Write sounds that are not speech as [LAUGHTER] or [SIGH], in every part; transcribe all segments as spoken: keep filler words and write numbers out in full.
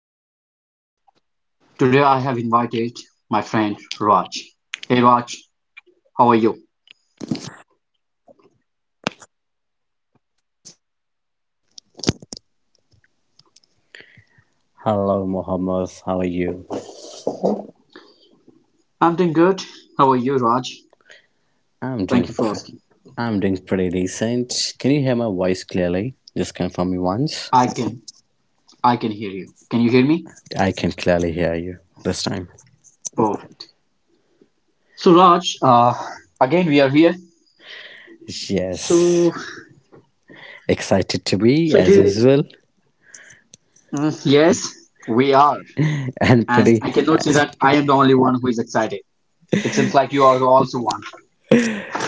Mohammed. Today I have invited my friend Raj. Hey Raj, how are you? Hello, Mohammed. How are you? I'm doing good. How are you, Raj? I'm Thank doing, you for pr- asking. I'm doing pretty decent. Can you hear my voice clearly? Just confirm me once. I can I can hear you. Can you hear me? I can clearly hear you this time. Perfect. So Raj, uh, again we are here. So Yes, excited to be so as do usual, Mm, yes, we are. [LAUGHS] and And pretty, I cannot uh, say that I am the only one who is excited. It seems like you are the also one.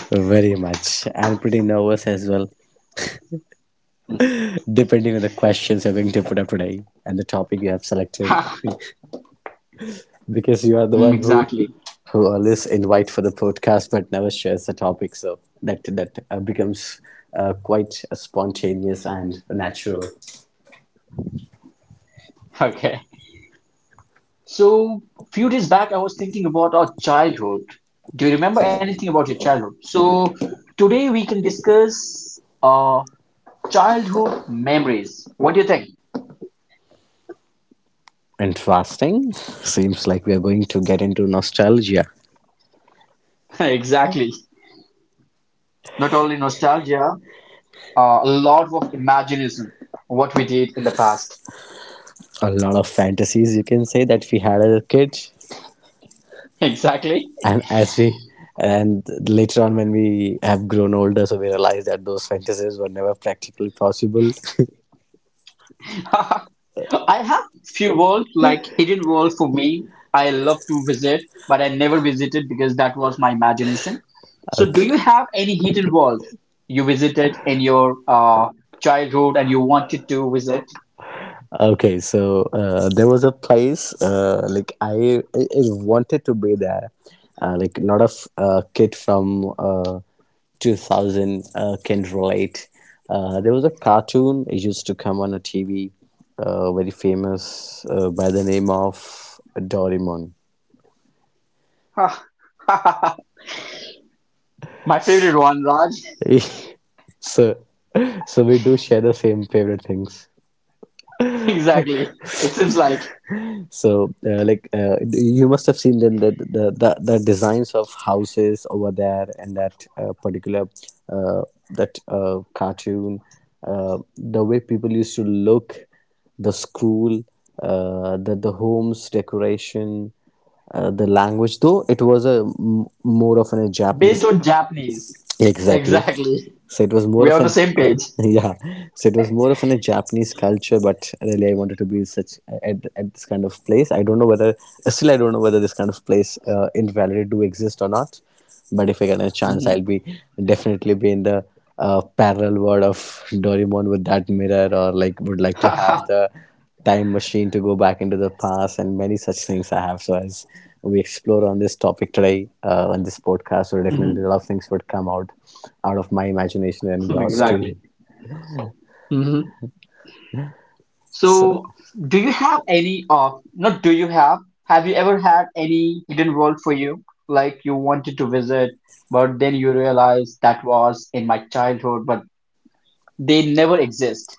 very much, and pretty nervous as well, depending on the questions you're going to put up today and the topic you have [LAUGHS] selected. Mm, Because you are the one who exactly. who always invite for the podcast but never shares the topic, so that that uh, becomes uh, quite spontaneous and natural. Okay. So, a few days back, I was thinking about our childhood. Do you remember anything about your childhood? So, today we can discuss uh, childhood memories. What do you think? Interesting. Seems like we are going to get into nostalgia, [LAUGHS] Exactly. Not only nostalgia, uh, a lot of imagination, what we did in the past. a lot of fantasies, you can say, that we had as a kid, [LAUGHS] Exactly. and as we, and later on when we have grown older, so we realize that those fantasies were never practically possible. [LAUGHS] [LAUGHS] I have few worlds like hidden world for me. I love to visit, but I never visited because that was my imagination. So, do Okay. you have any hidden world you visited in your uh, childhood and you wanted to visit? Okay, so uh, there was a place uh, like I, I I wanted to be there. Uh, like a lot of uh, kid from uh, two thousand uh, can relate. Uh, there was a cartoon, it used to come on a T V, uh, very famous uh, by the name of Doraemon. [LAUGHS] My favorite one, Raj. [LAUGHS] [LAUGHS] So, so we do share the same favorite things. Exactly. It seems like So, uh, like, uh, you must have seen then the, the the the designs of houses over there, and that uh, particular uh, that uh, cartoon, uh, the way people used to look, the school, uh, the the homes decoration, uh, the language. Though it was a m- more of a based Japanese. on Japanese. Exactly. Exactly. So it was more We of are on the a, same Ja- page. [LAUGHS] yeah. So it was more of an, a Japanese culture, but really I wanted to be such at, at this kind of place. I don't know whether uh, still I don't know whether this kind of place uh, in reality do exist or not. But if I get a chance, I'll Mhm. be definitely be in the uh, parallel world of Doraemon with that mirror, or like would like to have [LAUGHS] the time machine to go back into the past, and many such things I have. So as we explore on this topic today uh, on this podcast, so definitely a lot of things would come out out of my imagination and yours too. Exactly. Mm-hmm. So So, do you have any of, not do you have, have you ever had any hidden world for you? Like you wanted to visit, but then you realize that was in my childhood, but they never exist.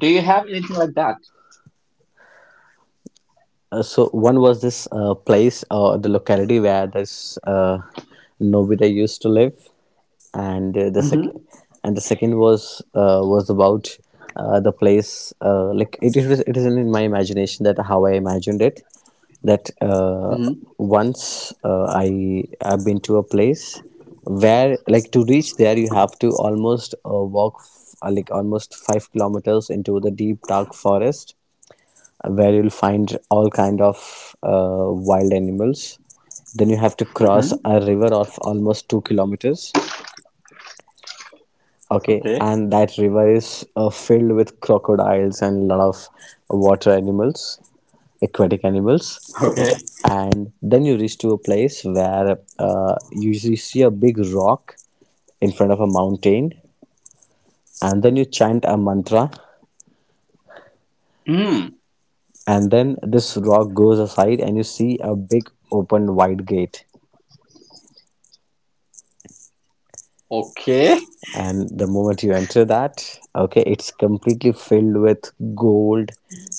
Do you have anything like that? Uh, so one was this uh, place, uh, the locality where this uh, Nobita used to live, and uh, the Mm-hmm. second, and the second was uh, was about uh, the place uh, like it is, it is in my imagination, that how I imagined it, that uh, Mm-hmm. once uh, I I've been to a place where, like, to reach there you have to almost uh, walk f- uh, like almost five kilometers into the deep dark forest where you'll find all kind of uh, wild animals. Then you have to cross Mm-hmm. a river of almost two kilometers. Okay, Okay. and that river is uh, filled with crocodiles and lot of water animals, aquatic animals. Okay. And then you reach to a place where uh, you see see a big rock in front of a mountain, and then you chant a mantra, Mm. and then this rock goes aside, and you see a big open wide gate, Okay. and the moment you enter that, okay, it's completely filled with gold,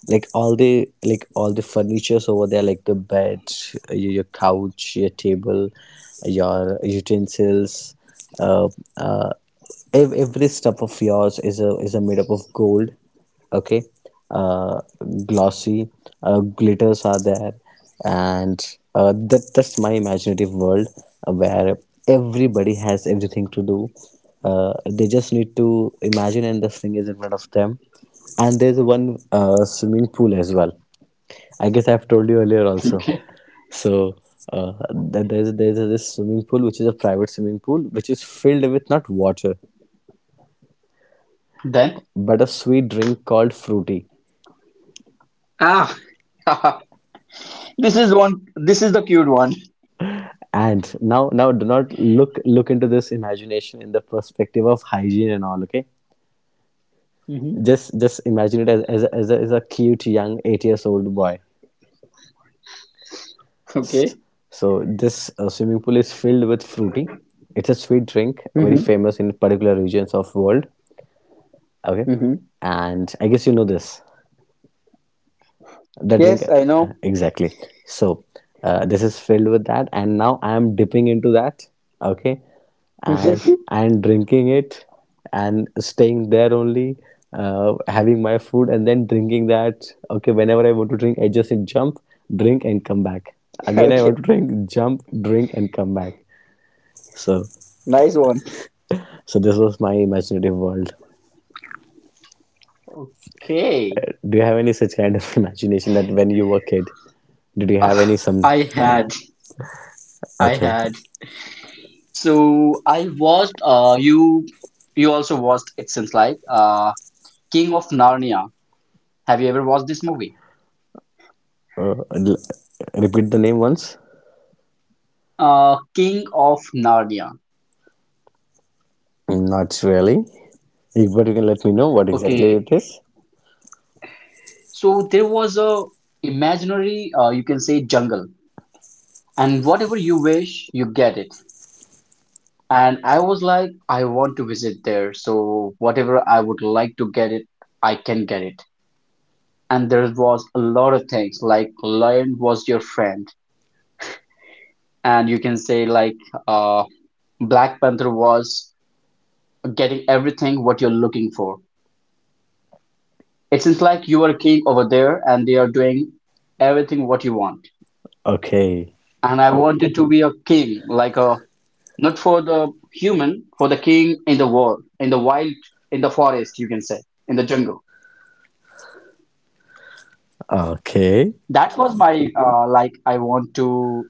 like all the, like all the furnitures over there, like the bed, uh, your, your couch, your table, your utensils, uh, uh, ev- every stuff of yours is a is a made up of gold. Okay, uh glossy, uh, glitters are there, and uh, that that's my imaginative world, uh, where everybody has everything to do, uh, they just need to imagine and this thing is in front of them. And there's one uh, swimming pool as well, I guess I've told you earlier also. Okay. So uh, th- there's there's this swimming pool, which is a private swimming pool, which is filled with not water Then. but a sweet drink called fruity. Ah. [LAUGHS] This is one. This is the cute one. And now, now do not look look into this imagination in the perspective of hygiene and all. Okay, Mm-hmm. just just imagine it as as a, as a, as a cute young eight years old boy. S- Okay. So this uh, swimming pool is filled with fruity. It's a sweet drink, very Mm-hmm. famous in particular regions of world. Okay, Mm-hmm. and I guess you know this, the drink. Yes, I know. Exactly. So uh, this is filled with that, and now I am dipping into that, okay, and [LAUGHS] and drinking it and staying there only, uh, having my food and then drinking that. Okay, whenever I want to drink, I just jump, drink and come back. Again I Okay, want to drink, jump, drink and come back. So, nice one. so this was my imaginative world. Okay. [LAUGHS] Do you have any such kind of [LAUGHS] imagination that when you were a kid, did you have any Ah, some? I had, I Okay. had. So I watched. Uh, you, you also watched. It seems like uh, King of Narnia. Have you ever watched this movie? Uh, l- Repeat the name once. Uh, King of Narnia. Not really. If- But you can let me know what exactly Okay. it is. So there was a imaginary, uh, you can say jungle, and whatever you wish, you get it. And I was like, I want to visit there. So whatever I would like to get it, I can get it. And there was a lot of things like Lion was your friend, and you can say like uh, Black Panther was getting everything what you're looking for. It seems like you are a king over there, and they are doing everything what you want. Okay. And I wanted to be a king, like a not for the human, for the king in the world, in the wild, in the forest, you can say, in the jungle. Okay. That was my uh, like I want to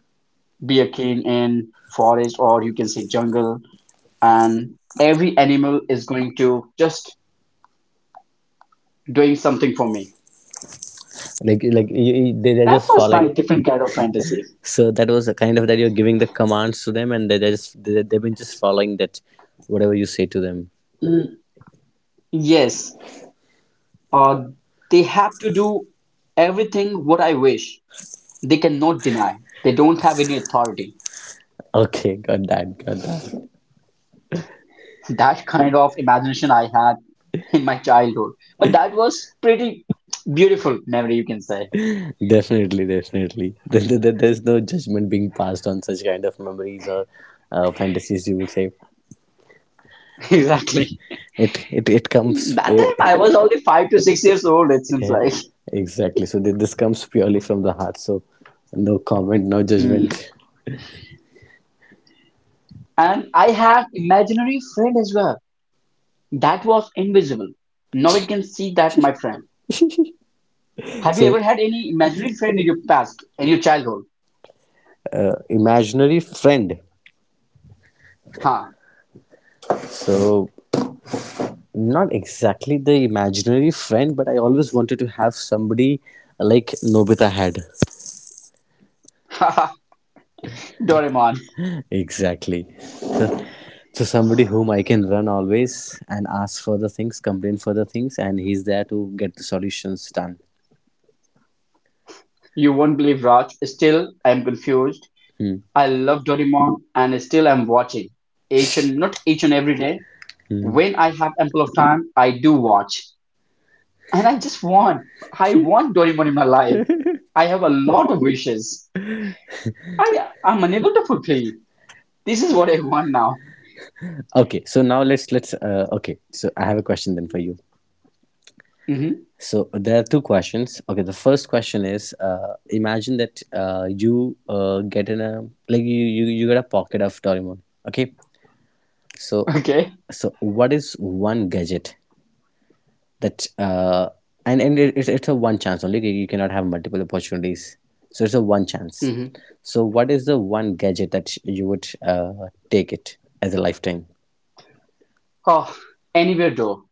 be a king in forest or you can say jungle and every animal is going to just doing something for me. Like like you, you- they they're That just was my following. different kind of fantasy. So that was a kind of that you're giving the commands to them, and they they're just, they, they've been just following that whatever you say to them. Mm, yes, uh, they have to do everything what I wish. They cannot deny. They don't have any authority. Okay, got that, got that. That kind of imagination I had in my childhood, but that was pretty beautiful memory, you can say. Definitely, definitely. [LAUGHS] There, there- there- there's no judgment being passed on such kind of memories or uh, fantasies. You would say [LAUGHS] Exactly. it it it comes. That time It, I was only five to six years old. It seems yeah, like. exactly. So th- this comes purely from the heart. So no comment, no Mm. judgment. And I had imaginary friend as well. That was invisible. Now it can see that, my friend. Have you So ever had any imaginary friend in your past, in your childhood? uh, imaginary friend. Huh. So not exactly the imaginary friend, but I always wanted to have somebody like Nobita had. [LAUGHS] Doraemon. Exactly. [LAUGHS] So, so somebody whom I can run always and ask for the things, complain for the things, and he's there to get the solutions done. You won't believe Raj. Still, I am confused. Hmm. [LAUGHS] I love Doraemon and still I'm watching. Each and not each and every day. Hmm. When I have ample of time, I do watch. And I just want, I want Doraemon in my life. I have a lot of wishes. I I'm unable to fulfill. This is what I want now. Okay, so now let's let's uh, okay. So I have a question then for you. Hmm. So there are two questions. Okay, the first question is: uh, Imagine that uh, you uh, get in a, like you, you you get a pocket of Doraemon. Okay, so, Okay. so what is one gadget that uh, and and it, it's it's a one chance only. You you cannot have multiple opportunities. So it's a one chance. Hmm. So what is the one gadget that you would uh, take it as a lifetime? Oh, anywhere though,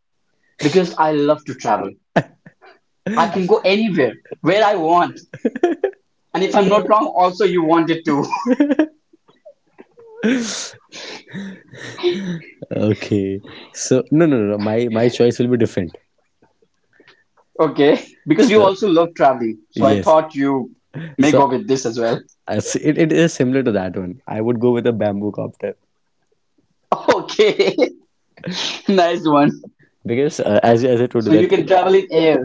because I love to travel. I can go anywhere, where I want. And if I'm not wrong, also you wanted to. [LAUGHS] Okay, so no, no, no, no. my my choice will be different. Okay, because you So also love traveling. So I yes, thought you may so go with this as well. as it, it is similar to that one. I would go with a bamboo copter, [LAUGHS] Okay, [LAUGHS] nice one. because uh, as as I told you So you that, can travel in air.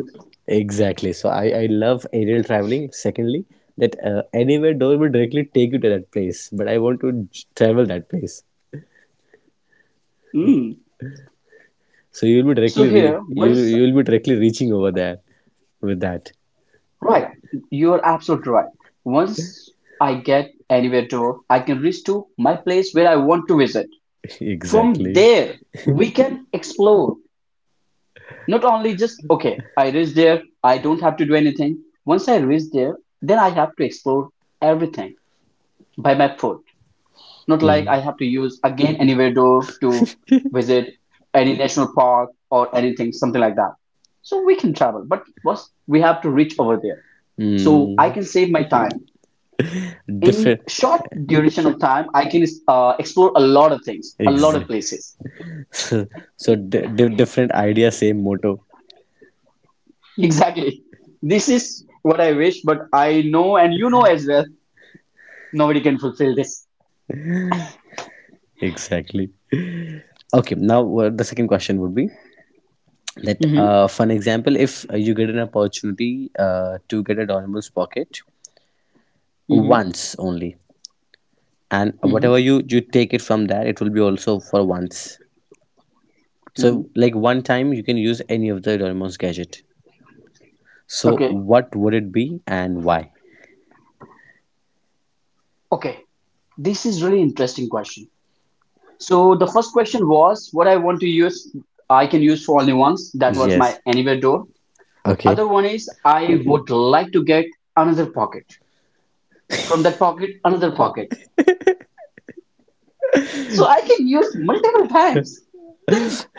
exactly. So I I love aerial traveling. Secondly, that uh, anywhere door will directly take you to that place, but I want to j- travel that place. Hmm. So you'll be So directly re- here, you, once, you'll be directly reaching over there with that. right, you're absolutely right. Once I get anywhere to, I can reach to my place where I want to visit. [LAUGHS] From Exactly. there, we can explore. Not only just, okay, I reach there, I don't have to do anything. Once I reach there, then I have to explore everything by my foot. Not like Mhm. I have to use again anywhere door to visit any national park or anything, something like that. So we can travel, but first we have to reach over there. So I Mm. can save my time. In Different. short duration of time, I can uh, explore a lot of things, a lot of Exactly. places. [LAUGHS] So, so di- di- different idea, same motto. [LAUGHS] Exactly. This is what I wish, but I know, and you know as well, nobody can fulfill this. Exactly. Okay. Now uh, the second question would be that Mm-hmm. uh, fun example, if uh, you get an opportunity uh, to get a Donibus pocket Mm-hmm. once only, and Mm-hmm. whatever you, you take it from that, it will be also for once. Mm-hmm. So like one time you can use any of the Doraemon's gadget. So Okay. what would it be and why? Okay. This is really interesting question. So the first question was what I want to use. I can use for only once. That was my Yes. anywhere door. Okay. Other one is I Mhm. would like to get another pocket. From that pocket, another pocket. So I can use multiple times. Think [LAUGHS]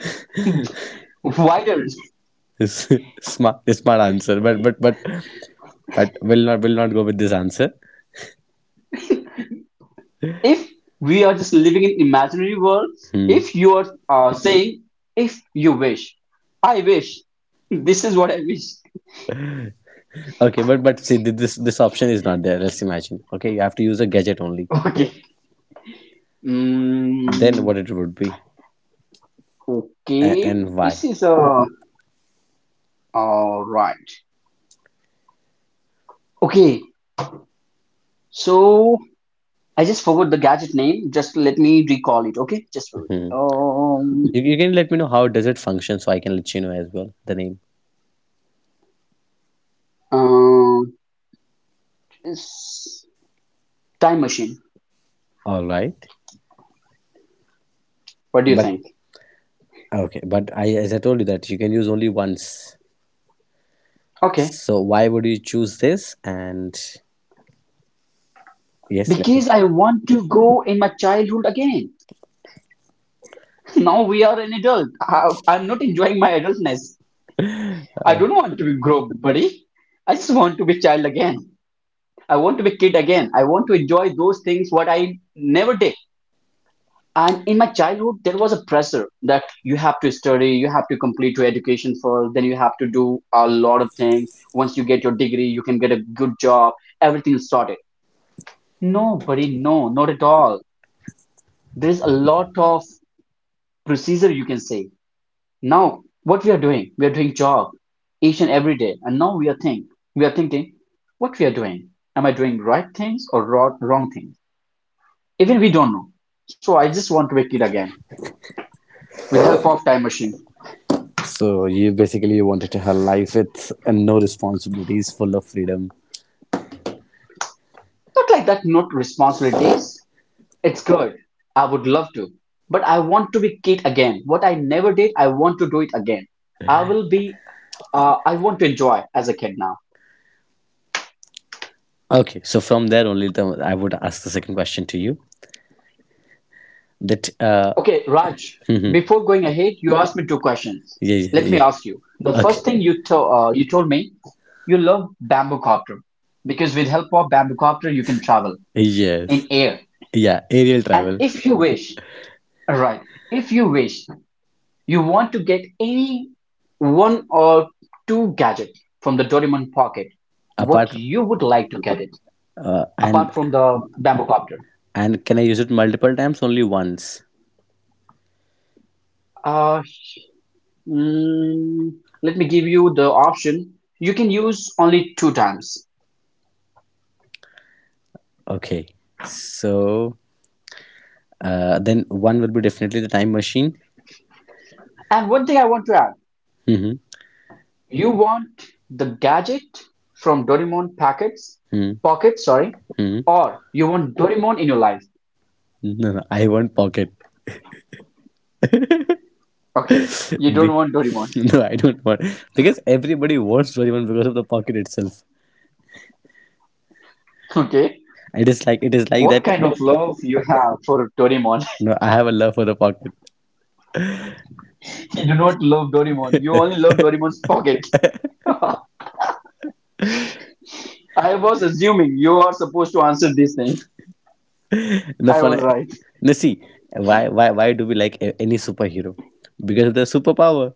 [LAUGHS] wider. It's smart, it's smart answer, but but but but will not will not go with this answer. If we are just living in imaginary world Hmm. if you are uh, saying if you wish I wish this is what I wish. Okay, but but see, th- this, this option is not there. Let's imagine, okay, you have to use a gadget, only [LAUGHS] Okay. then mm, what it would be, and, okay, and why? this is uh all right. Okay, so I just forgot the gadget name, just let me recall it. Okay, just wait. Mhm. um You, you can let me know how does it function, so I can let you know as well the name. uh, it's time machine, All right, what do you but think? okay, but, I, as I told you, that you can use only once. Okay, So why would you choose this? And yes, let me. because I want to go in my childhood again. Now we are an adult. I, I'm not enjoying my adultness. [LAUGHS] I Uh, don't want to be grown up, buddy. I just want to be child again. I want to be kid again. I want to enjoy those things what I never did. And in my childhood, there was a pressure that you have to study, you have to complete your education first, then you have to do a lot of things. Once you get your degree, you can get a good job. Everything is sorted. No, buddy, no, not at all. There's a lot of procedure you can say. Now, what we are doing, we are doing job each and every day, and now we are think, we are thinking, what we are doing. Am I doing right things or wrong, wrong things? Even we don't know. So I just want to make it again with help of time machine. So you basically wanted to have life with uh, no responsibilities, full of freedom. Not like that, not responsibilities. It's good. I would love to, but I want to be kid again. What I never did, I want to do it again. I will be. Uh, I want to enjoy as a kid now. Okay, so from there only, the, I would ask the second question to you. That uh, Okay, Raj, [LAUGHS] mhm. before going ahead, you asked me two questions. Yeah, yeah, Let me yeah. ask you. The Okay, first thing you to uh, you told me, you love bamboo copter because with help of bamboo copter you can travel in yes, air. yeah, aerial And travel if you wish, right, if you wish, you want to get any one or two gadget from the Doraemon pocket, what apart you would like to get it uh, and apart from the bamboo copter? and can I use it multiple times? Only once. Mm, Let me give you the option. You can use only two times. Okay. So uh, then one will be definitely the time machine. And one thing I want to add, Hmm, you want the gadget from Doraemon packets, hmm, hmm, pocket, sorry, hmm. or you want Doraemon in your life. No, no, I want pocket. [LAUGHS] Be- Okay, you don't want Doraemon. no, [LAUGHS] I don't want, because everybody wants Doraemon because of the pocket itself. Okay, It is like, it is like what that. kind of love you have for Doraemon? [LAUGHS] No, I have a love for the pocket. You do not love Doraemon. You only love [LAUGHS] Doraemon's pocket. I was assuming you are supposed to answer this thing. No I fun. was right. No, see, why why why do we like a- any superhero? Because of the superpower.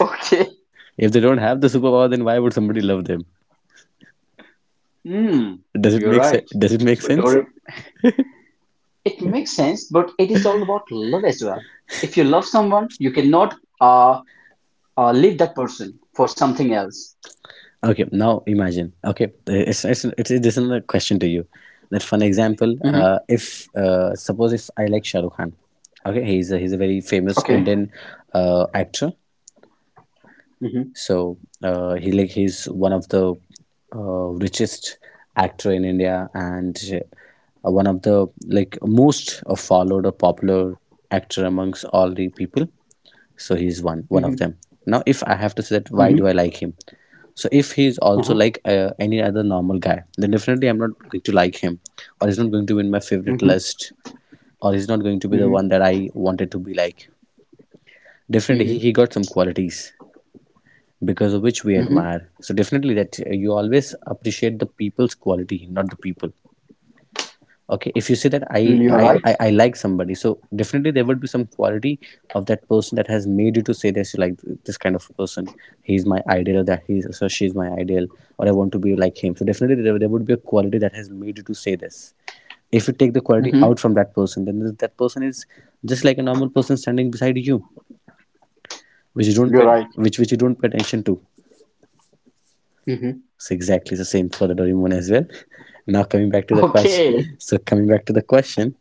[LAUGHS] Okay. If they don't have the superpower, then why would somebody love them? Hmm, Does it you're make sense? right. Does it make But sense? Doric, it makes sense, but it is all about love as well. If you love someone, you cannot uh, uh leave that person for something else. Okay, now imagine. Okay, uh, it's it's it's, it's another question to you. That for an example, Mm-hmm. uh, if uh, suppose, if I like Shah Rukh Khan, okay, he's a, he's a very famous Okay. Indian uh, actor. Mm-hmm. So uh, he, like he's one of the uh, richest actor in India, and uh, one of the, like, most uh, followed or popular actor amongst all the people. So he's one one of Mm-hmm. them. Now, if I have to say that, why Mm-hmm. do I like him? So if he's also Uh-huh. like uh, any other normal guy, then definitely I'm not going to like him, or he's not going to be in my favorite Mm-hmm. list, or he's not going to be the Mm-hmm. one that I wanted to be like. Definitely, he, Mm-hmm. he got some qualities because of which we Mm-hmm. admire. So definitely that uh, you always appreciate the people's quality, not the people. Okay, if you say that I You're I, right. I I like somebody, so definitely there would be some quality of that person that has made you to say this like this kind of person. He's my ideal, or that he's so she's my ideal, or I want to be like him. So definitely there, there would be a quality that has made you to say this. If you take the quality Mm-hmm. out from that person, then th- that person is just like a normal person standing beside you, which you don't You're pay, right. which which you don't pay attention to. Mm-hmm. It's exactly the same for the one as well. Now coming back to the question. Okay. So coming back to the question.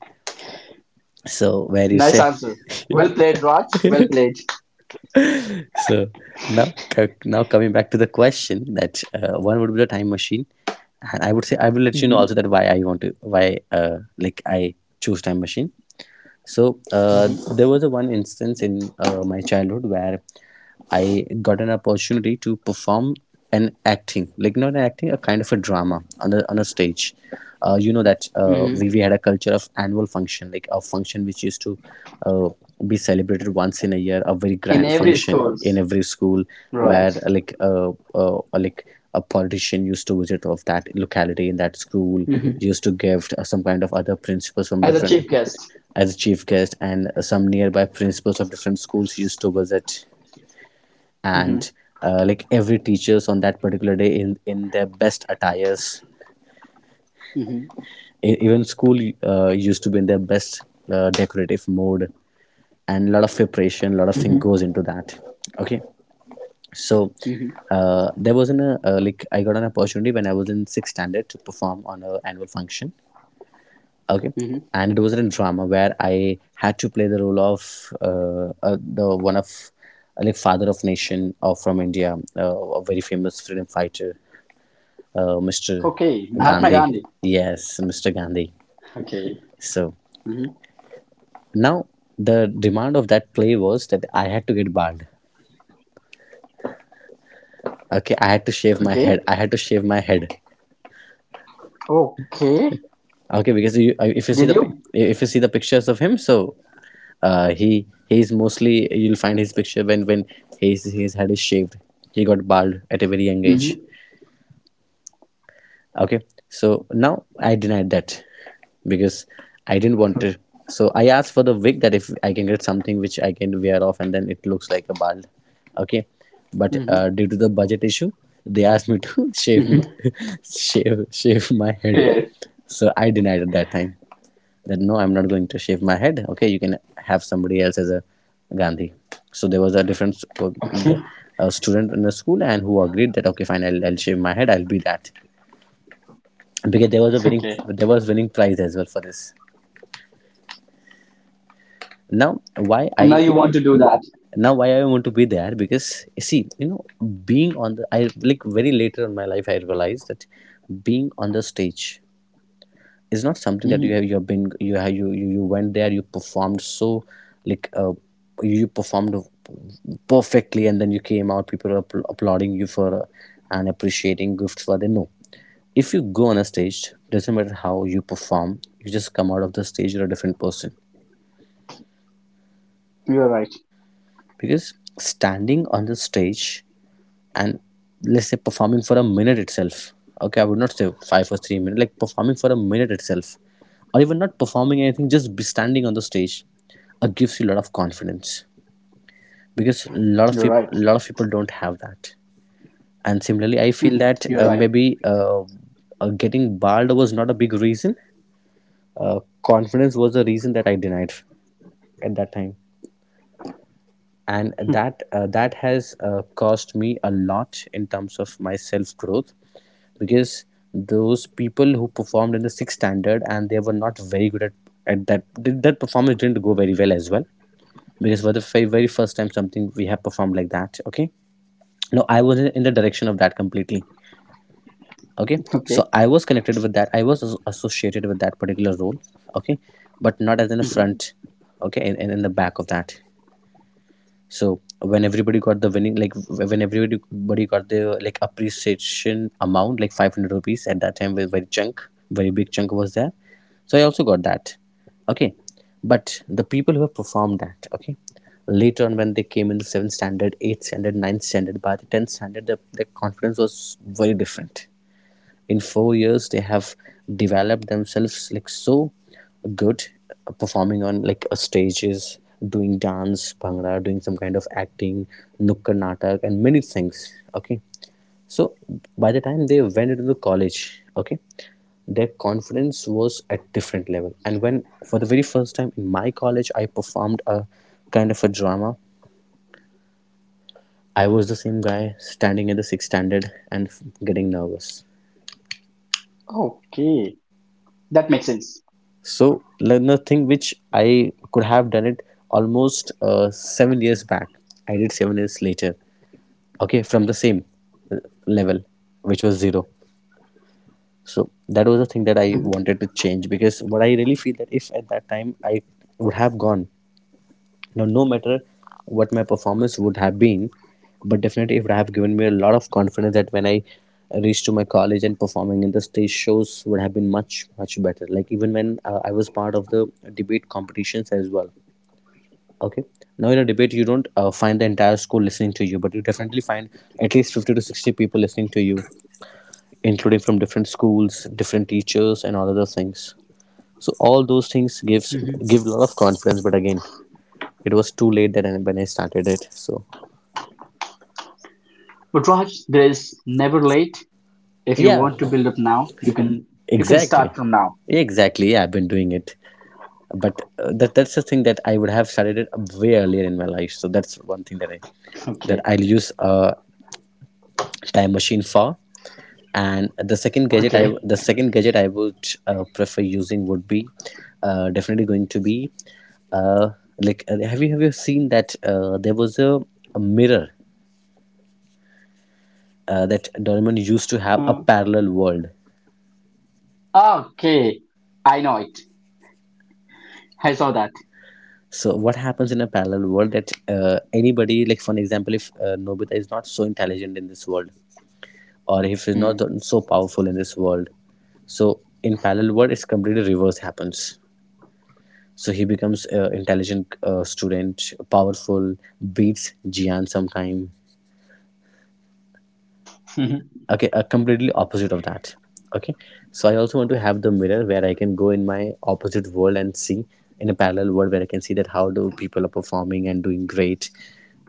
So where you Nice say. answer. Well played, Raj. Well played. So now now coming back to the question that uh, one would be the time machine, and I would say I will let you know also Mm-hmm. that why I want to why uh, like I choose time machine. So uh, Mm-hmm. there was a one instance in uh, my childhood where I got an opportunity to perform an acting, like not an acting, a kind of a drama on a, on a stage. Uh, you know that uh, Mm-hmm. we, we had a culture of annual function, like a function which used to uh, be celebrated once in a year, a very In grand every function in schools. every school Right. where uh, like uh, uh, like a politician used to visit of that locality in that school Mm-hmm. used to give uh, some kind of other principals from As a different chief guest. as a chief guest, and some nearby principals of different schools used to visit. And uh, like every teachers on that particular day in in their best attires. Mm-hmm. E- even school uh, used to be in their best uh, decorative mode, and a lot of preparation, a lot of thing Mhm, goes into that. Okay, so. mhm, Uh, there was an uh, uh, like I got an opportunity when I was in sixth standard to perform on a annual function, okay, mhm. and it was in drama where I had to play the role of uh, uh, the one of uh, like father of nation of from India, uh, a very famous freedom fighter, uh, Mr. Okay, Mahatma Gandhi. Gandhi. Yes, Mr. Gandhi. Okay. So Hmm. now the demand of that play was that I had to get bald. Okay, I had to shave my Okay. head. I had to shave my head. Okay. Okay, because you, uh, if you see Did the pi- you? if you see the pictures of him, so uh, he he's mostly you'll find his picture when when his his head is shaved. He got bald at a very young age. Hmm. Okay, so now I denied that because I didn't want it. So I asked for the wig that if I can get something which I can wear off and then it looks like a bald. Okay, but uh, Hmm. due to the budget issue, they asked me to [LAUGHS] shave my, Hmm. [LAUGHS] shave shave my head. Yeah. So I denied at that time that no, I'm not going to shave my head. Okay, you can have somebody else as a Gandhi. So there was a different uh, Okay. uh, student in the school and who agreed that okay, fine, I'll, I'll shave my head, I'll be that, because there was a [LAUGHS] winning, Okay. there was winning prize as well for this. Now why And now I, you want to do that. now why I want to be there, because see, you know, being on the, I like very later in my life I realized that being on the stage is not something that you Hmm. have, you've been you have you you, you went there, you performed, so like uh, you performed perfectly and then you came out, people are appl- applauding you for uh, and appreciating gifts for them. No, if you go on a stage, doesn't matter how you perform, you just come out of the stage, you're a different person, You're right. because standing on the stage and let's say performing for a minute itself, okay, I would not say five or three minutes, like performing for a minute itself, or even not performing anything, just be standing on the stage, uh, gives you a lot of confidence, because a lot of You're people, right. a lot of people don't have that. And similarly I feel Mhm. that You're [LAUGHS] uh, right. maybe uh, uh, getting barred was not a big reason, uh, confidence was the reason that I denied at that time, and that uh, that has uh, cost me a lot in terms of my self growth, because those people who performed in the sixth standard and they were not very good at, at that, that performance didn't go very well as well, because for the very, very first time something we have performed like that. Okay, no, I was in the direction of that completely. Okay, so Okay. I was connected with that, I was associated with that particular role, okay, but not as in the Hmm. front, okay, in, in, in the back of that. So when everybody got the winning, like when everybody got the like appreciation amount, like five hundred rupees at that time, was very chunk, very big chunk was there. So I also got that. Okay, but the people who have performed that, okay, later on when they came in the seventh standard, eighth standard, ninth standard, by the tenth standard, the their confidence was very different. In four years they have developed themselves like so good, uh, performing on like uh, stages, doing dance, bhangra, doing some kind of acting, nukkad natak and many things. Okay, so by the time they went into the college, okay, their confidence was at different level. And when for the very first time in my college I performed a kind of a drama, I was the same guy standing in the sixth standard and getting nervous. Okay. That makes sense. So like, nothing which I could have done it almost uh, seven years back, I did seven years later. Okay, from the same uh, level, which was zero. So that was the thing that I Hmm. wanted to change, because what I really feel that if at that time I would have gone, now, no matter what my performance would have been, but definitely it would have given me a lot of confidence that when I reached to my college and performing in the stage shows would have been much, much better. Like even when uh, I was part of the debate competitions as well. Okay, now in a debate you don't uh, find the entire school listening to you, but you definitely find at least fifty to sixty people listening to you, including from different schools, different teachers, and all other things. So all those things gives Hmm. give a lot of confidence. But again, it was too late that I- when I started it. So But Raj, there is never late. If you yeah, want to build up now, you can you can start exactly, from now. exactly. Yeah, I've been doing it, but uh, that that's the thing that I would have started it way earlier in my life. So that's one thing that I [LAUGHS] that Okay. I'll use a time machine for. And the second gadget I Okay. the second gadget I would uh, prefer using would be uh, definitely going to be uh, like uh, have you have you seen that uh, there was a, a mirror uh, that Doraemon used to have? A parallel world. Uh, okay. I know it. I saw that. So what happens in a parallel world that uh, anybody, like for an example, if uh, Nobita is not so intelligent in this world, or if he's Hmm. not so powerful in this world, so in parallel world it's completely reverse happens, so he becomes uh, intelligent, uh, student, powerful, beats Jian sometime. [LAUGHS] Okay, uh, completely opposite of that. Okay, so I also want to have the mirror where I can go in my opposite world and see, in a parallel world where I can see that how do people are performing and doing great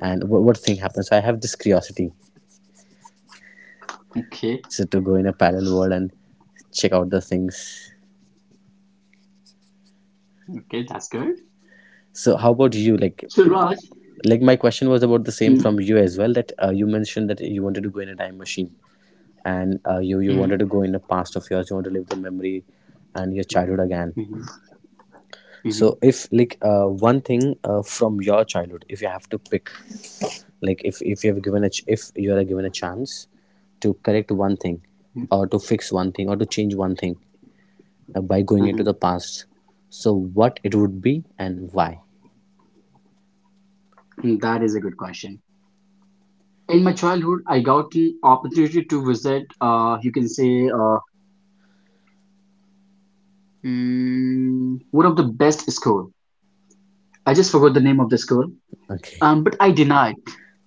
and what, what thing happens. So I have this curiosity, Okay, so to go in a parallel world and check out the things. okay, that's good. So how about you? like So, Raj, like my question was about the same from mm, you as well, that uh, you mentioned that you wanted to go in a time machine and uh, you you wanted mhm, to go in the past of yours, you want to live the memory and your childhood again. mhm, mhm, So if, like uh, one thing uh, from your childhood, if you have to pick, like if if you have given a ch- if you are given a chance to correct one thing, mhm, or to fix one thing, or to change one thing uh, by going into the mhm. past, so what it would be and why? Mm, That is a good question. In my childhood, I got the opportunity to visit, uh, you can say, uh, mm, one of the best school. I just forgot the name of the school. Okay. Um, but I denied.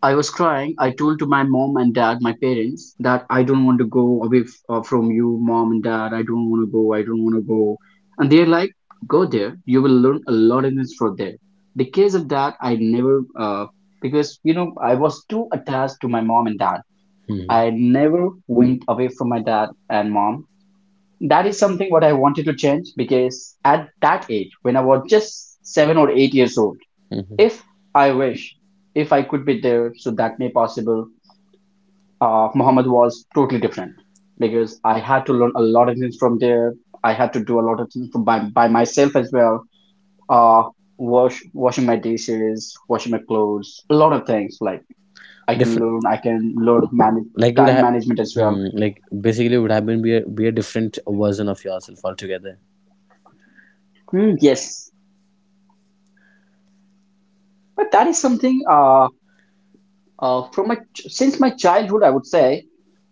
I was crying. I told to my mom and dad, my parents, that I don't want to go away f- uh, from you, mom and dad. I don't want to go. I don't want to go. And they're like, go there. You will learn a lot of things from there. Because of that, I never, uh, because you know, I was too attached to my mom and dad. hmm I never went away from my dad and mom. That is something what I wanted to change because at that age, when I was just seven or eight years old, hmm if I wish, if I could be there, so that may possible. Uh, Muhammad was totally different because I had to learn a lot of things from there. I had to do a lot of things from by, by myself as well. Uh, wash washing my dishes, washing my clothes, a lot of things. Like I can learn, Different. I can learn manage Like it would time have. management as well. Hmm, like basically it would have been, be a, be a different version of yourself altogether. Hmm, yes, but that is something. Uh, uh, from my ch- since my childhood, I would say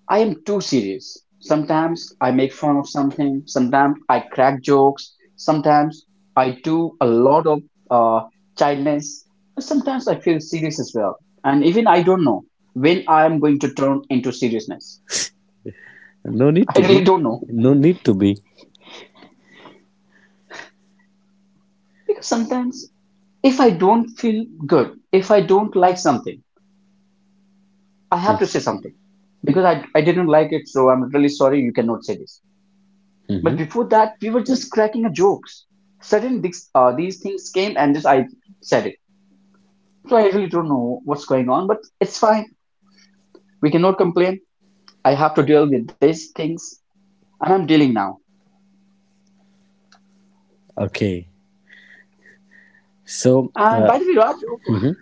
I am too serious. Sometimes I make fun of something, sometimes I crack jokes, sometimes I do a lot of uh, childness, and sometimes I feel serious as well. And even I don't know when I am going to turn into seriousness. [LAUGHS] No [LAUGHS] need I to be. really don't know. No need to be. Because sometimes if I don't feel good, if I don't like something, I have to say something. Because I, I didn't like it, so I'm really sorry you cannot say this. But Mm-hmm. before that, we were just cracking a jokes. Suddenly, these, uh, these things came and just I said it. So I really don't know what's going on, but it's fine. We cannot complain. I have to deal with these things, and I'm dealing now. Okay. So, And uh, by the way, Raj, oh, mhm.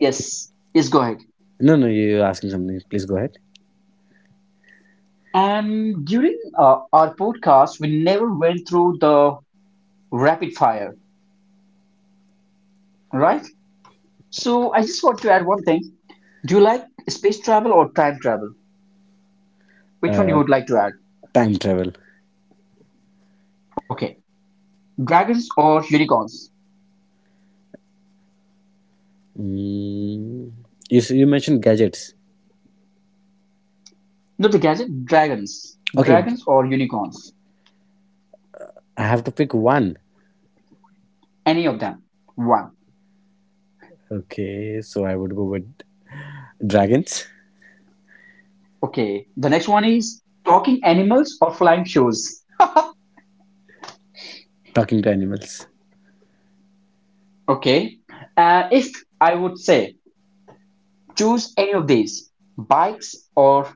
yes, yes, go ahead. No, no, you're asking something. Please go ahead. And during uh, our podcast, we never went through the rapid fire, right? So I just want to add one thing. Do you like space travel or time travel? Which one you Uh, would like to add? time travel. Okay, dragons or unicorns? Mm, you s- you mentioned gadgets. Not the gadget, dragons. Okay, d- Dragons or unicorns. I have to pick one. Any of them. One. Okay, so I would go with dragons, Okay. The next one is talking animals or flying shoes. talking to animals. Okay. Uh, if I would say choose any of these, bikes or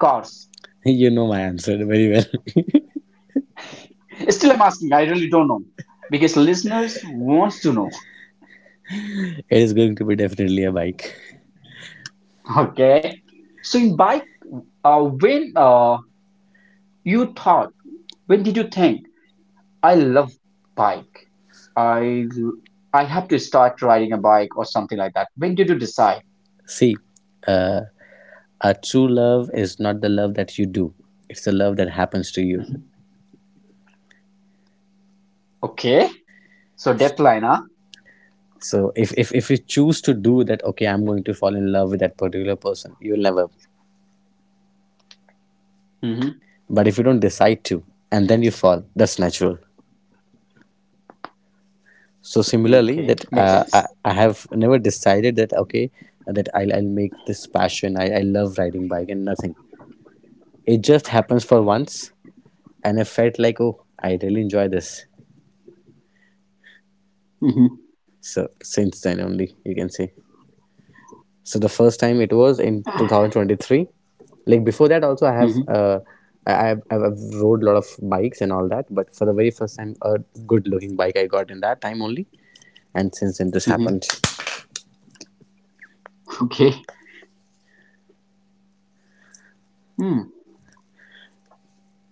cars. [LAUGHS] You know my answer very well. [LAUGHS] Still, I'm asking. I really don't know because listeners wants to know. It is going to be definitely a bike. [LAUGHS] Okay. So in bike, uh, when uh, you thought, when did you think I love bike. I l- I have to start riding a bike or something like that. When did you decide? See, uh, a true love is not the love that you do. It's the love that happens to you. Okay, so deadline, huh? So if, if, if you choose to do that, okay, I'm going to fall in love with that particular person, you'll never. Mm-hmm. But if you don't decide to and then you fall, that's natural. So similarly, Okay, that makes uh, I, sense. I have never decided that, okay, that I'll, I'll make this passion. I, I love riding bike and nothing. It just happens for once, and I felt like, oh, I really enjoy this. Mm-hmm. So since then only you can say. So the first time it was in two thousand twenty-three. Like before that also I have Mm-hmm. uh, I I've, I've rode a lot of bikes and all that. But for the very first time a good looking bike I got in that time only, and since then this Mm-hmm. happened. Okay. Mm.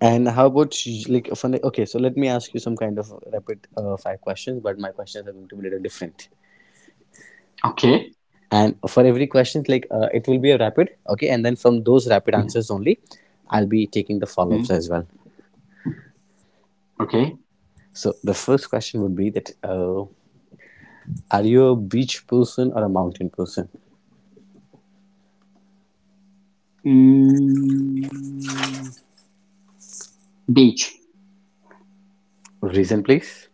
And how about sh- like funny? Okay, so let me ask you some kind of rapid uh, five questions, but my questions are going to be a little different. Okay. And for every questions, like uh, it will be a rapid, okay, and then from those rapid answers only, I'll be taking the follow ups Mm. as well. Okay. So the first question would be that: uh, are you a beach person or a mountain person? Mm. Beach. Reason, please.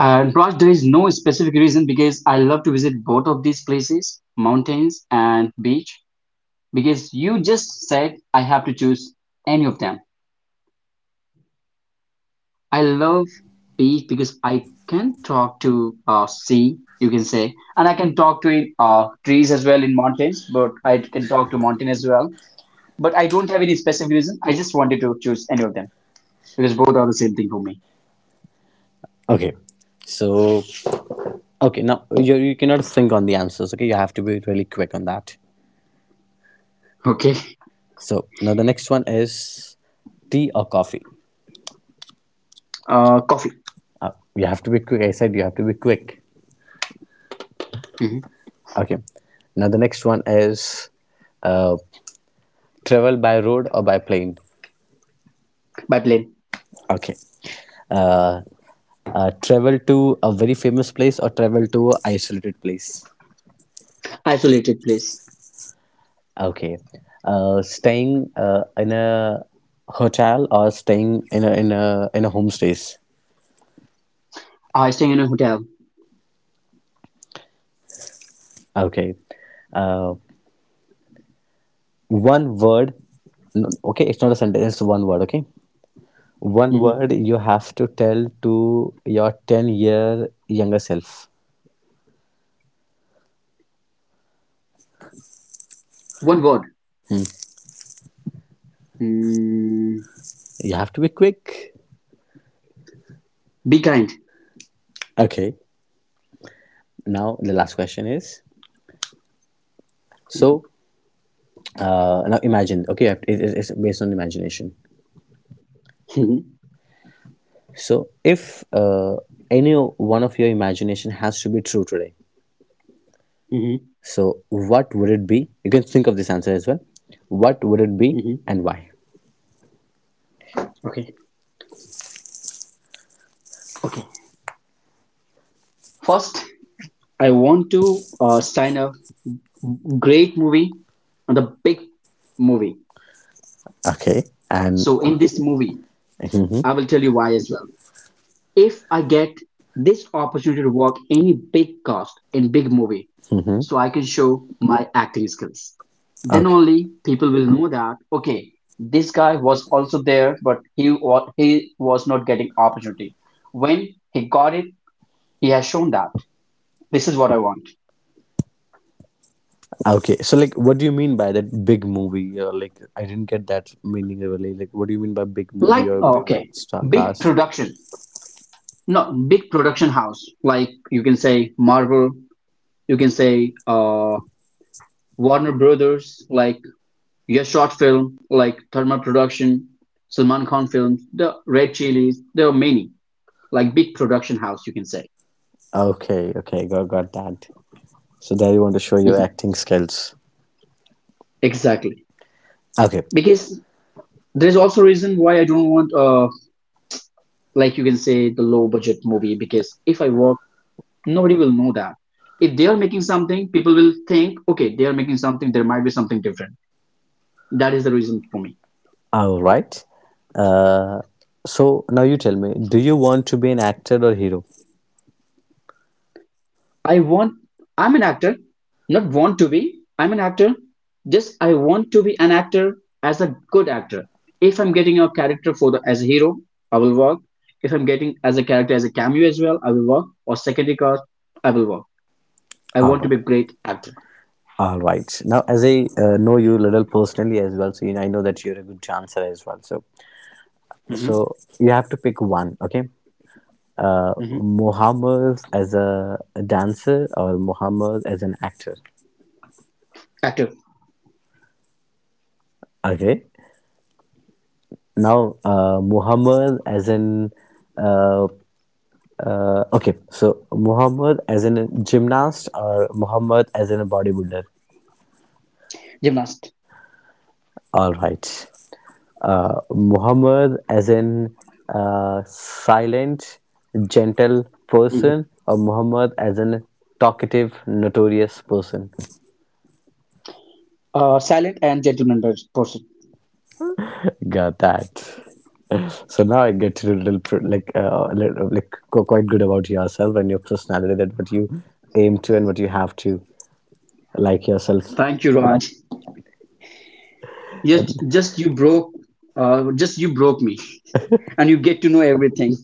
And Raj, there is no specific reason because I love to visit both of these places, mountains and beach, because you just said I have to choose any of them. I love B because I can talk to uh, sea, you can say, and I can talk to uh, trees as well in mountains, but I can talk to mountain as well. But I don't have any specific reason. I just wanted to choose any of them because both are the same thing for me. Okay, so okay, now you you cannot think on the answers. Okay, you have to be really quick on that. Okay. So now the next one is tea or coffee. Uh, coffee. Uh, you have to be quick. I said you have to be quick. Hmm. Okay. Now the next one is uh, travel by road or by plane. By plane. Okay. Uh, uh, travel to a very famous place or travel to an isolated place. Isolated place. Okay. Uh, staying uh, in a hotel or staying in a in a in a homestays. I staying in a hotel. Okay. Uh, one word. No. Okay, it's not a sentence. It's one word. Okay. One Hmm. word you have to tell to your ten year younger self. One word. Mm, You have to be quick. be kind. Okay. Now, the last question is so uh, now imagine, okay, you have to- it- it- it's based on imagination. Hmm. So, if uh, any one of your imagination has to be true today, Hmm. so what would it be? You can think of this answer as well. What would it be Hmm. and why? Okay. Okay. First, I want to uh, sign a great movie, the big movie. Okay. And, So in this movie, hmm I will tell you why as well. If I get this opportunity to work any big cast in big movie, hmm so I can show my acting skills. Then okay. only people will know that okay, this guy was also there, but he was he was not getting opportunity. When he got it, he has shown that this is what I want. Okay, so like, what do you mean by that big movie? Or like, I didn't get that meaning really. Like, what do you mean by big movie Like or big big okay, star big cast? production, not big production house like you can say Marvel, you can say uh, Warner Brothers, like your short film, like Thermal Production, Salman Khan films, the Red Chilies. There are many like big production house you can say. Okay, okay, got got that. So there you want to show your Mhm. acting skills. Exactly, Okay, because there's also reason why I don't want uh like you can say the low budget movie because if I work, nobody will know that. If they are making something, people will think, okay, they are making something. There might be something different. That is the reason for me. all right. Uh, so now you tell me, do you want to be an actor or hero? I want, I'm an actor, not want to be. I'm an actor. Just I want to be an actor as a good actor. If I'm getting a character for the as a hero, I will work. If I'm getting as a character as a cameo as well, I will work. Or secondary cast, I will work. I All want to right, be a great actor. all right. Now, as I uh, know you a little personally as well, so you know, I know that you're a good dancer as well. So, Hmm. so you have to pick one. Okay, uh, Hmm. Muhammad as a dancer or Muhammad as an actor. Actor, Okay. Now, uh, Muhammad as an uh, uh, okay. So Muhammad as an gymnast or Muhammad as in a bodybuilder. gymnast, All right. Uh, Muhammad as an uh, silent, gentle hmm person or Muhammad as an talkative, notorious person. uh, silent and gentleman pers- person. Got that. [LAUGHS] So now I get to do a little pr- like uh, a little, like go quite good about yourself and your personality, that what you aim to and what you have to like yourself. Thank you, Raj. Just, And just you broke, uh, just you broke me, and you get to know everything.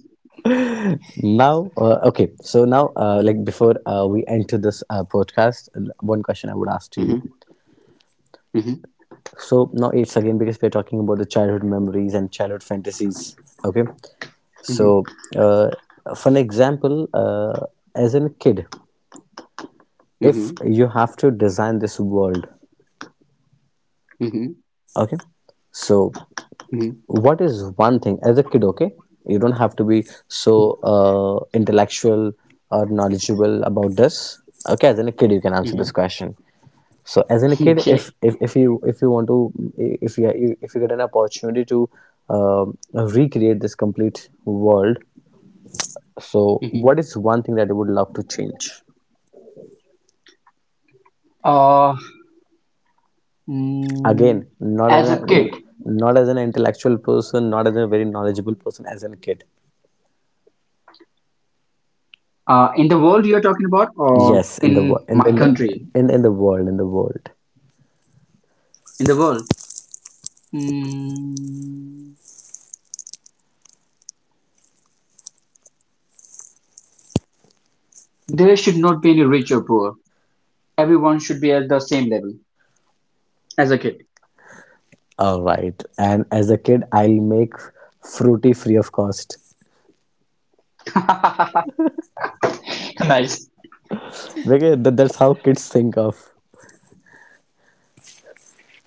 [LAUGHS] now, uh, okay, so now uh, like before uh, we enter this uh, podcast, l- one question I would ask to you. Hmm. Hmm. So now it's again because we're talking about the childhood memories and childhood fantasies. Okay, Hmm. so uh, for an example, uh, as a kid, Hmm. if you have to design this world. Mhm, Okay. So, mhm, what is one thing as a kid? Okay, you don't have to be so uh, intellectual or knowledgeable about this. Okay, as in a kid, you can answer this mhm. question. So, as in a [LAUGHS] kid, if Okay. if, if you if you want to if you if you get an opportunity to um recreate this complete world, so what Mhm. is one thing that you would love to change? Uh, mm, Again, not as as a a, kid, not as an intellectual person, not as a very knowledgeable person, as a kid. uh, in the world you're talking about, or Yes, in the wo- in in my in the country, in, in the world, in the world. in the world, mm, there should not be any rich or poor. Everyone should be at the same level as a kid. All right. And as a kid, I'll make fruity free of cost. [LAUGHS] Nice. Because that, that's how kids think of.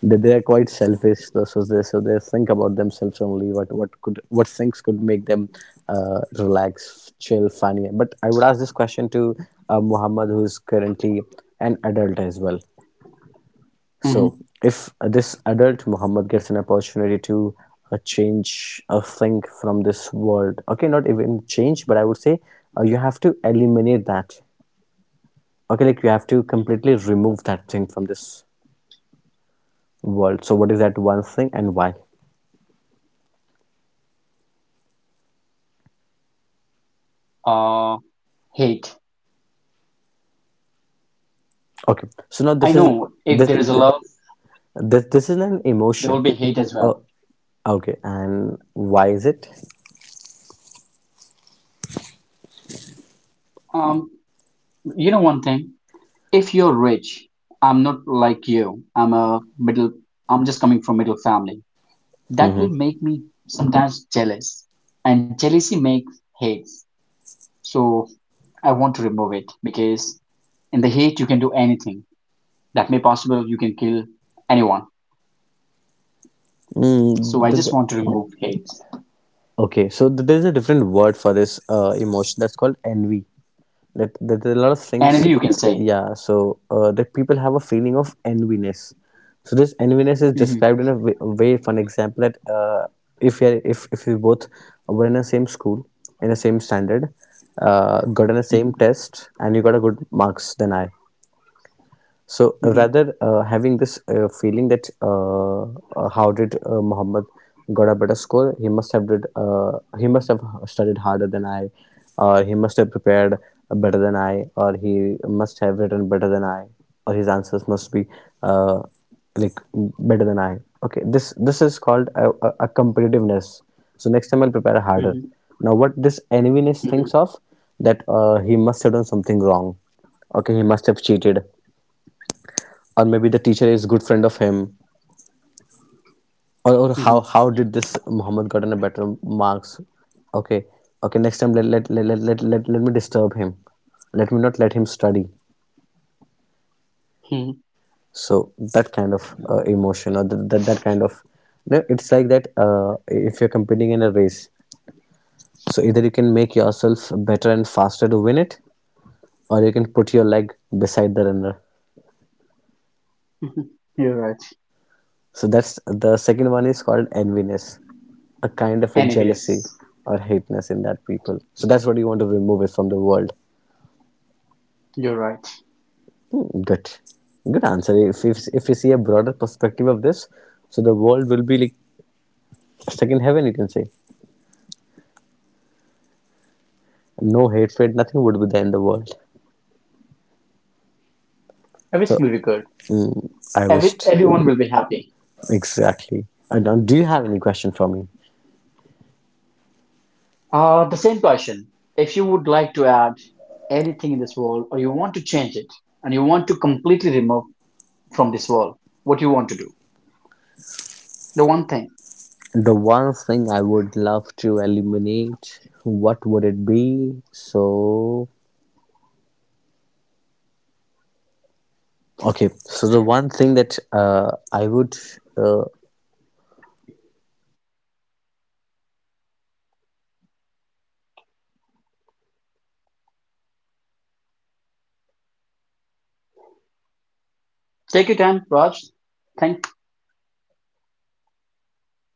They, they are quite selfish. So, so they so they think about themselves only. What what could, what things could make them uh, relax, chill, funny. But I would ask this question to uh, Muhammad, who's currently an adult as well. So, Mm-hmm. if this adult Muhammad gets an opportunity to uh, change a thing from this world, okay, not even change, but I would say uh, you have to eliminate that. Okay, like you have to completely remove that thing from this world. So, what is that one thing and why? Uh, Hate. Okay, so now I this is know if there this, is a love, this, this is an there will emotion. be hate as Uh, well. okay, and why is it? Um, you know one thing. If you're rich, I'm not like you. I'm a middle, I'm just coming from middle family. That will Mm-hmm. make me sometimes jealous, and jealousy makes hate. So I want to remove it because in the hate you can do anything. That may possible you can kill anyone. So I Mm, the, just the. want to remove hate. Okay, so th- there's a different word for this uh, emotion, that's called envy. That, that there are a lot of Envy things, uh, you can say. yeah. So uh, that people have a feeling of enviness. So this enviness is Mhm, described in a wa- way. For an example, that uh, if you are, if if you both were in the same school, in the same standard, uh, got in the same mhm, test, and you got a good marks than I, so uh, mhm, rather uh, having this uh, feeling that uh, uh, how did uh, Muhammad got a better score? He must have did. Uh, he must have studied harder than I, or he must have prepared better than I, or he must have written better than I, or his answers must be uh, like better than I. Okay, this this is called a, a, a competitiveness. So next time I'll prepare harder. mhm, Now what this enviness thinks mhm, of, that uh, he must have done something wrong. Okay, he must have cheated, or maybe the teacher is good friend of him, or, or how mhm, how did this Muhammad got a better marks? Okay, okay, next time let let, let, let, let, let me disturb him, let me not let him study. mhm, So that kind of uh, emotion, or that, that that kind of, no, it's like that uh, if you're competing in a race, so either you can make yourself better and faster to win it, or you can put your leg beside the runner. mhm. You're right. So that's the second one, is called enviness, a kind of a And evidence. jealousy or hateness in that people. So that's what you want to remove it from the world. You're right. Hmm, good, good answer. If if if you see a broader perspective of this, so the world will be like second heaven. You can say no hatred, nothing would be there in the world. Everything So will be good. mm, I Every wished everyone will be happy. exactly. And uh, do you have any question for me? Uh, the same question. If you would like to add anything in this world, or you want to change it, and you want to completely remove from this world, what you want to do? The one thing. The one thing I would love to eliminate, what would it be? So okay, so the one thing that uh, I would uh, not exactly uh, I would say to remove it, but it's uh, more of uh, I would Take say your time, Raj. Thank that. Can you hear me? Hello,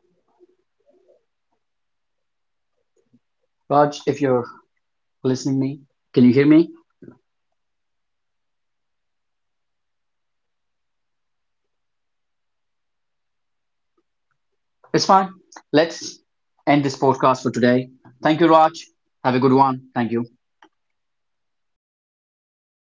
hello. Can you hear me, Mohammed? Raj if you're listening me. Can you hear me? It's fine. Let's end this podcast for today. Thank you, Raj. Have a good one. Thank you.